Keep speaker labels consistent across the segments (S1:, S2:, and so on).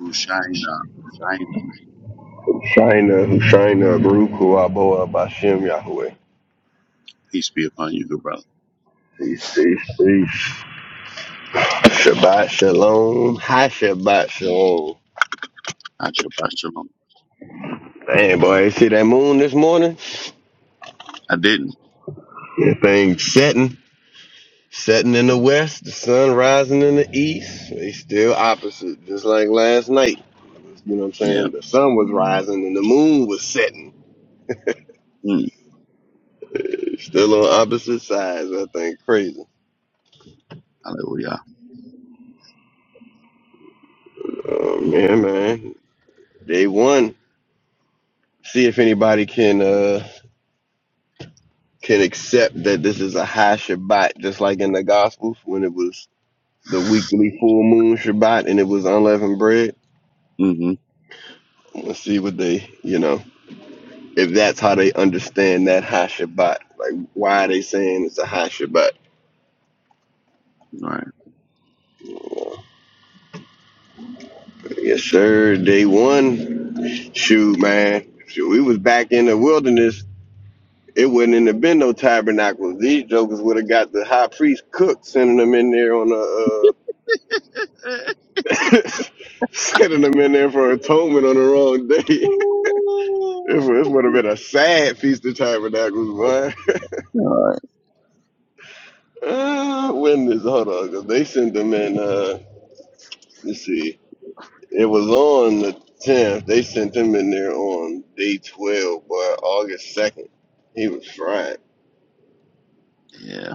S1: Hushaina, Hushaina,
S2: Shaina, Hushaina, Baruch, Huaboa, Bashem, Yahweh.
S1: peace be upon you, good brother.
S2: Peace, peace, peace. Shabbat Shalom. Hi, Shabbat Shalom.
S1: I Shabbat shalom.
S2: Man, boy, you see that moon this morning?
S1: I didn't.
S2: That thing setting. Setting in the west, the sun rising in the east. They still opposite, just like last night. You know what I'm
S1: Yeah.
S2: saying? The sun was rising and the moon was setting.
S1: Mm.
S2: Eh, Still on opposite sides. I think crazy.
S1: Hallelujah.
S2: Oh man,
S1: Hallelujah.
S2: man. Day one. See if anybody can. uh can accept that this is a high Shabbat, just like in the Gospels when it was the weekly full moon Shabbat and it was unleavened bread.
S1: Mm-hmm.
S2: Let's see what they, you know, if that's how they understand that high Shabbat. Like, why are they saying it's a high Shabbat?
S1: All right.
S2: Yes, sir. Day one, shoot, man. Shoot, we was back in the wilderness. It wasn't in the been no tabernacles. These jokers would have got the high priest cook, sending them in there on a. uh, Sending them in there for atonement on the wrong day. It would- This would have been a sad Feast of Tabernacles, boy.
S1: All right.
S2: Uh, when is hold on? 'cause they sent them in. Uh, let's see. It was on the tenth. They sent them in there on day twelve, but August second, he was fried.
S1: Yeah.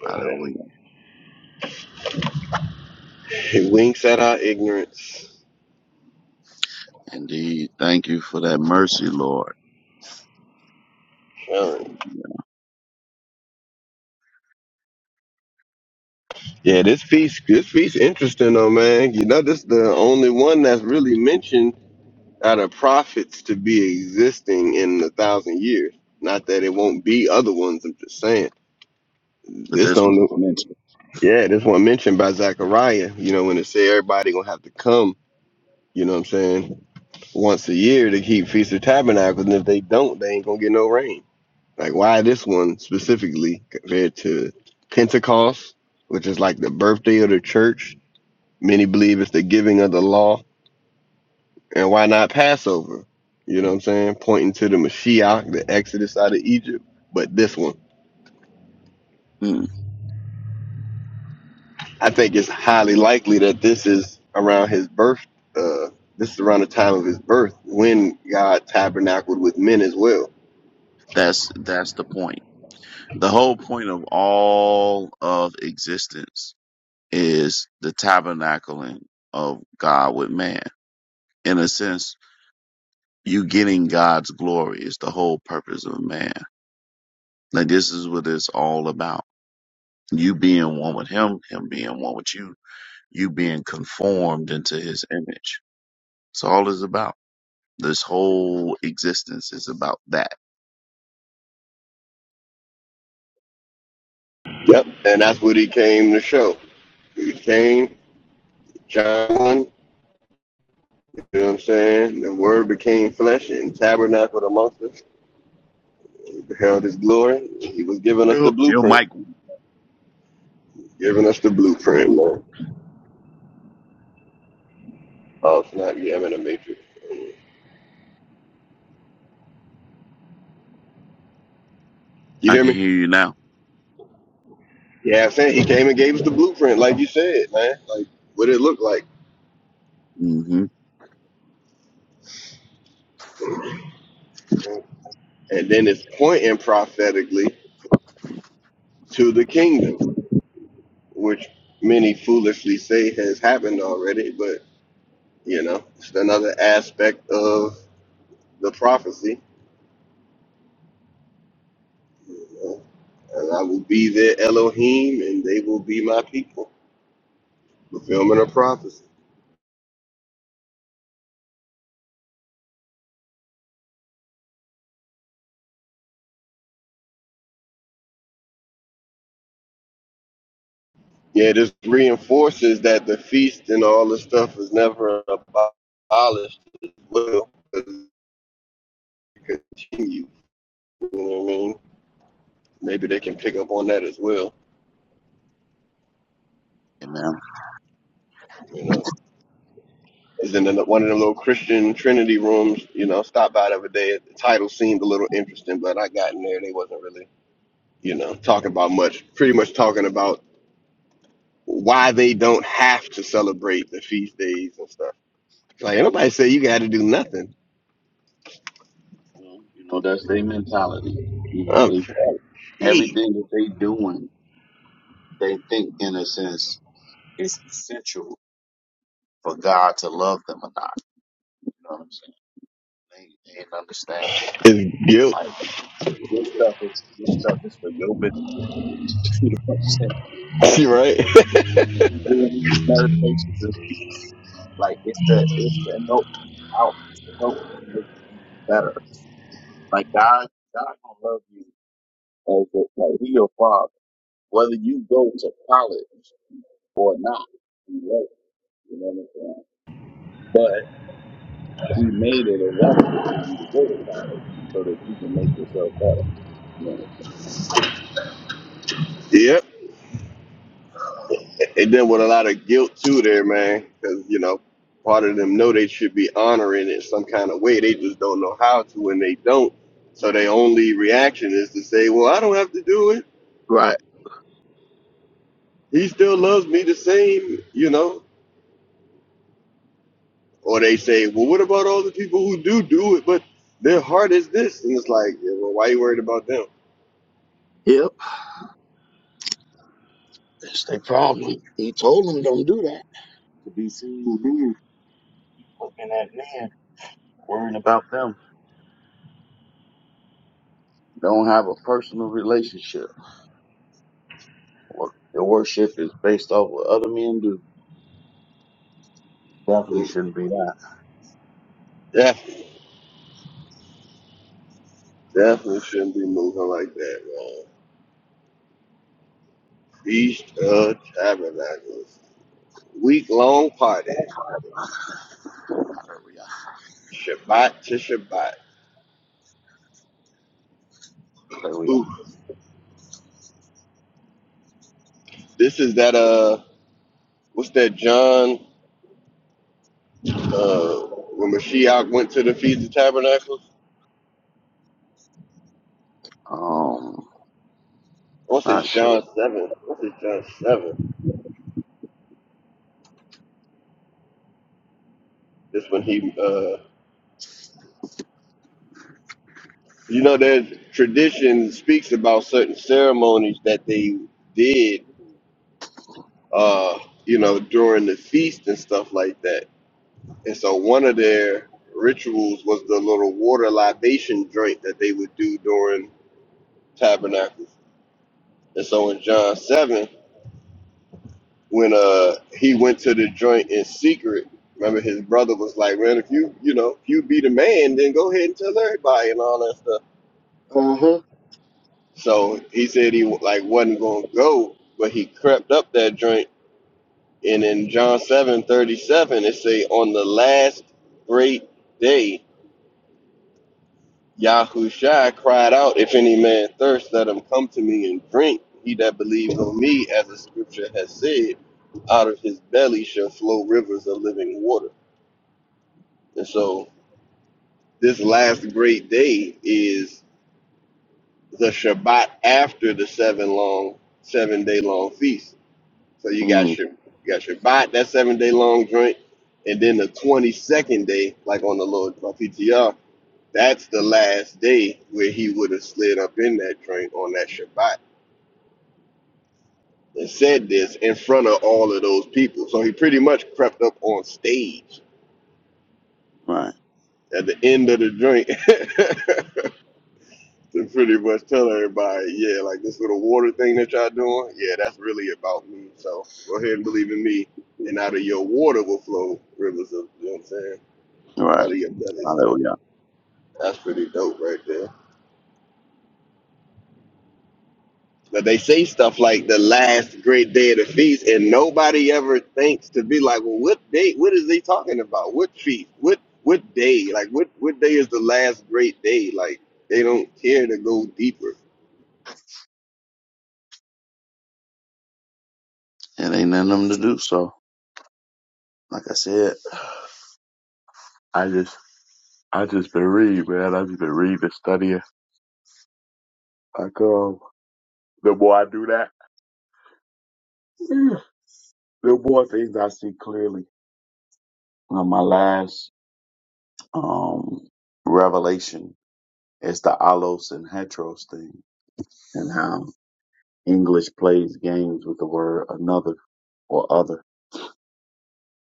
S2: But
S1: Hallelujah.
S2: he winks at our ignorance.
S1: Indeed. Thank you for that mercy, Lord.
S2: Um,
S1: Yeah.
S2: yeah, this feast. this feast interesting though, man. You know, this the only one that's really mentioned out of prophets to be existing in a thousand years. Not that it won't be other ones. I'm just saying
S1: But
S2: this
S1: this one
S2: don't.
S1: is
S2: Look,
S1: mentioned.
S2: yeah, this one mentioned by Zechariah. You know when it say everybody gonna have to come. You know what I'm saying? Once a year to keep Feast of Tabernacles, and if they don't, they ain't gonna get no rain. Like why this one specifically compared to Pentecost, which is like the birthday of the church? Many believe it's the giving of the law And why not Passover? You know what I'm saying? Pointing to the Mashiach, the Exodus out of Egypt. But this one,
S1: Mm.
S2: I think it's highly likely that this is around his birth. Uh, this is around the time of his birth when God tabernacled with men as well.
S1: That's that's the point. The whole point of all of existence is the tabernacling of God with man. In a sense, you getting God's glory is the whole purpose of man. Like this is what it's all about. You being one with him, him being one with you, you being conformed into his image. It's all is about. This whole existence is about that.
S2: Yep. And that's what he came to show. He came, John, you know what I'm saying? The word became flesh and tabernacled amongst us. He beheld his glory. He was giving us the
S1: Yo, yo,
S2: blueprint.
S1: Mike,
S2: Giving us the blueprint, man. Oh, it's not. Yeah, I'm in a matrix. You
S1: I
S2: hear
S1: can
S2: me?
S1: hear you now.
S2: Yeah, I'm saying he came and gave us the blueprint, like you said, man. Like what it looked like,
S1: mm hmm
S2: and then it's pointing prophetically to the kingdom, which many foolishly say has happened already. But you know, it's another aspect of the prophecy. you know, and I will be their Elohim, and they will be my people. Fulfillment of prophecy. Yeah, this reinforces that the feast and all this stuff is never abolished as well. continue. You know what I mean? Maybe they can pick up on that as well.
S1: Amen.
S2: You know, is in another- one of them little Christian Trinity rooms. You know, stopped by the other day. The title seemed a little interesting, but I got in there. They wasn't really, you know, talking about much. Pretty much talking about why they don't have to celebrate the feast days and stuff. It's Like ain't nobody say you got to do nothing.
S1: Well, you know, that's their mentality. You know,
S2: Um,
S1: they fight.
S2: he
S1: Everything that they doing, they think in a sense is essential for God to love them or not. You know what I'm saying? They, they didn't understand it.
S2: is guilt,
S1: Like this stuff is this stuff is for your benefit. You know what I'm saying? You
S2: right?
S1: doing you doing these meditations of peace. Like it's to it's to help you out. It's to help you make you be better. Like God God gonna love you as a, like He your father. Whether you go to college or not, He loves you. You know what I'm saying? But He made it available for you to go to college so that you can make yourself better. You know what
S2: yep. It done with a lot of guilt too, there, man. Because you know, part of them know they should be honoring it some kind of way. They just don't know how to, and they don't. So their only reaction is to say, "Well, I don't have to do it.
S1: I'm saying? Right.
S2: He still loves me the same," you know. Or they say, "Well, what about all the people who do do it, but their heart is this?" And it's like, yeah, "Well, why you worried about them?"
S1: Yep. That's their problem. He told them don't do that. To be seen with men, looking at men, worrying about them. Don't have a personal relationship. Or your worship is based off what other men do. Definitely
S2: Mm,
S1: shouldn't be that.
S2: Definitely, definitely shouldn't be moving like that, man. Feast of Tabernacles, week long party.
S1: Hallelujah.
S2: Shabbat to Shabbat.
S1: Hallelujah.
S2: Ooh, this is that uh, what's that John? Uh, when Mashiach went to the Feast of Tabernacles.
S1: Um,
S2: What's this
S1: not sure.
S2: John seven? What's this John seven? This when he uh, you know, there's tradition speaks about certain ceremonies that they did uh, you know, during the feast and stuff like that. And so one of their rituals was the little water libation drink that they would do during tabernacles. And so in John seven. when uh he went to the joint in secret. Remember, his brother was like, "Man, if you you know if you be the man, then go ahead and tell everybody and all that stuff."
S1: Uh-huh.
S2: So he said he like wasn't gonna go, but he crept up that joint. And in John seven thirty seven, it say, "On the last great day, Yahushua cried out, If any man thirst, let him come to me and drink. He that believes on me, as the scripture has said, out of his belly shall flow rivers of living water." And so This last great day is the Shabbat after the seven long, seven day long feast. So you got
S1: Mm,
S2: Shab, you got Shabbat, that seven day long joint, and then the twenty second day, like on the Lord my PTR, that's the last day where he would have slid up in that joint on that Shabbat and said this in front of all of those people. So he pretty much crept up on stage
S1: right.
S2: at the end of the joint to pretty much tell everybody, yeah, like this little water thing that y'all doing, yeah, that's really about me. So go ahead and believe in me, and out of your water will flow rivers of, you know what I'm saying,
S1: Right.
S2: out of your belly. So
S1: Hallelujah.
S2: that's pretty dope right there. But they say stuff like the last great day of the feast, and nobody ever thinks to be like, well, what day? What is they talking about? What feast? What what day? Like what what day is the last great day? Like they don't care to go deeper.
S1: It ain't nothing them to do. So, like I said, I just, I just been reading, man. I just been reading, studying. Like, um, the more I do that. There were things I see clearly. Uh, my last um, revelation is the allos and heteros thing and how English plays games with the word another or other.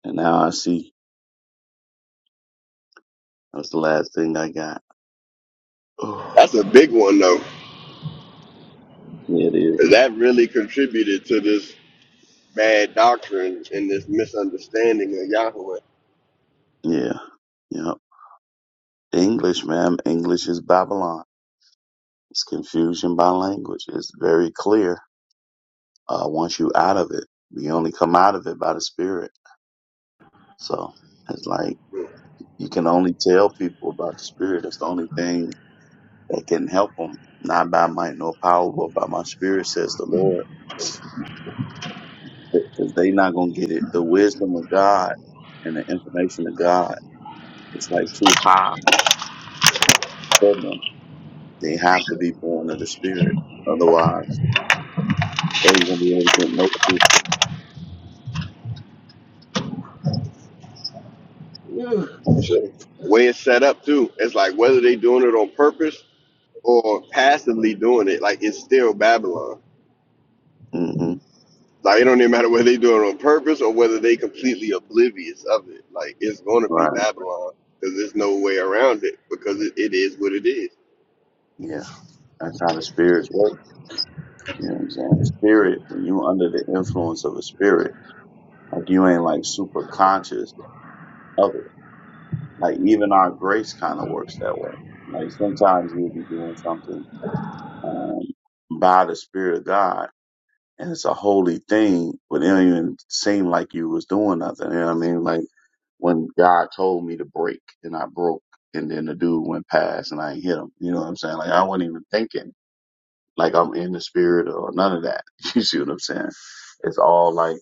S1: And now I see that's the last thing I got.
S2: That's a big one though.
S1: yeah, it is.
S2: That really contributed to this bad doctrine and this misunderstanding of Yahweh.
S1: Yeah. Yep. English, ma'am. English is Babylon. It's confusion by language. It's very clear. Uh, once you out of it, you only come out of it by the spirit. So it's like, You can only tell people about the Spirit. That's the only thing that can help them. Not by might nor power, but by my Spirit, says the Lord. Because they not going to get it. The wisdom of God and the information of God, it's like too high for them. They have to be born of the Spirit. Otherwise, they ain't going to be able to get no truth.
S2: So, the way it's set up too, it's like whether they doing it on purpose or passively doing it, like it's still Babylon.
S1: Mm-hmm.
S2: Like it don't even matter whether they do it on purpose or whether they completely oblivious of it. Like it's gonna be
S1: Right.
S2: Babylon because there's no way around it because it, it is what it is.
S1: Yeah. That's how the spirits work. You know what I'm saying? Spirit, when you under the influence of a spirit, like you ain't like super conscious of it. Like even our grace kind of works that way. Like sometimes you'll be doing something um, by the Spirit of God, and it's a holy thing, but it don't even seem like you was doing nothing. You know what I mean? Like when God told me to break, and I broke, and then the dude went past, and I ain't hit him. You know what I'm saying? Like I wasn't even thinking like I'm in the Spirit or none of that. You see what I'm saying? It's all like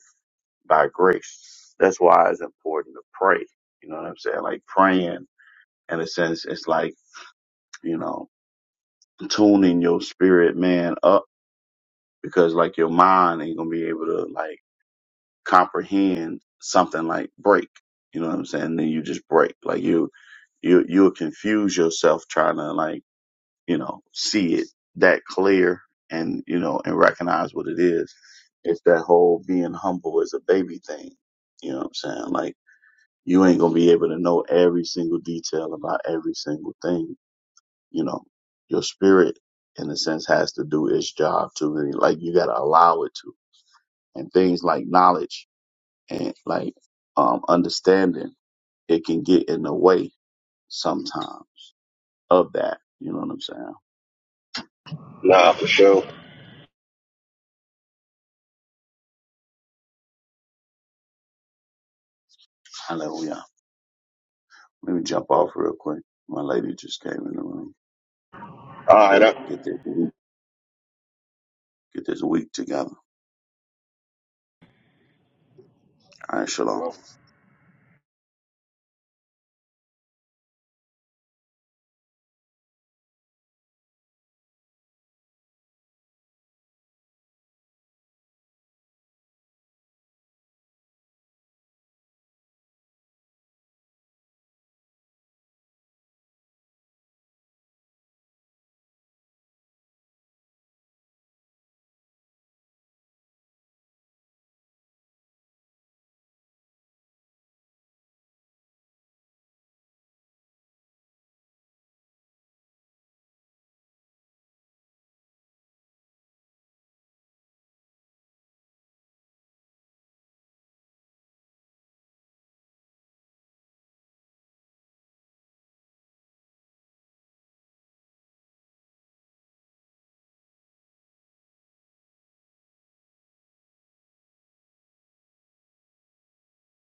S1: by grace. That's why it's important to pray. You know what I'm saying? Like praying in a sense, it's like you know, tuning your spirit man up because like your mind ain't gonna be able to like comprehend something like break. You know what I'm saying? Then you just break. Like you you you'll confuse yourself trying to like, you know, see it that clear and you know, and recognize what it is. It's that whole being humble as a baby thing. You know what I'm saying? Like you ain't gonna be able to know every single detail about every single thing you know, your spirit in a sense has to do its job too. And, Like you gotta allow it to. And things like knowledge and like um understanding, it can get in the way sometimes of that. You know what I'm saying?
S2: Nah, for sure.
S1: Hallelujah. Let me jump off real quick. My lady just came in the room.
S2: All right.
S1: Get
S2: I,
S1: get this week get this week together. All right,
S2: you
S1: shalom.
S2: know.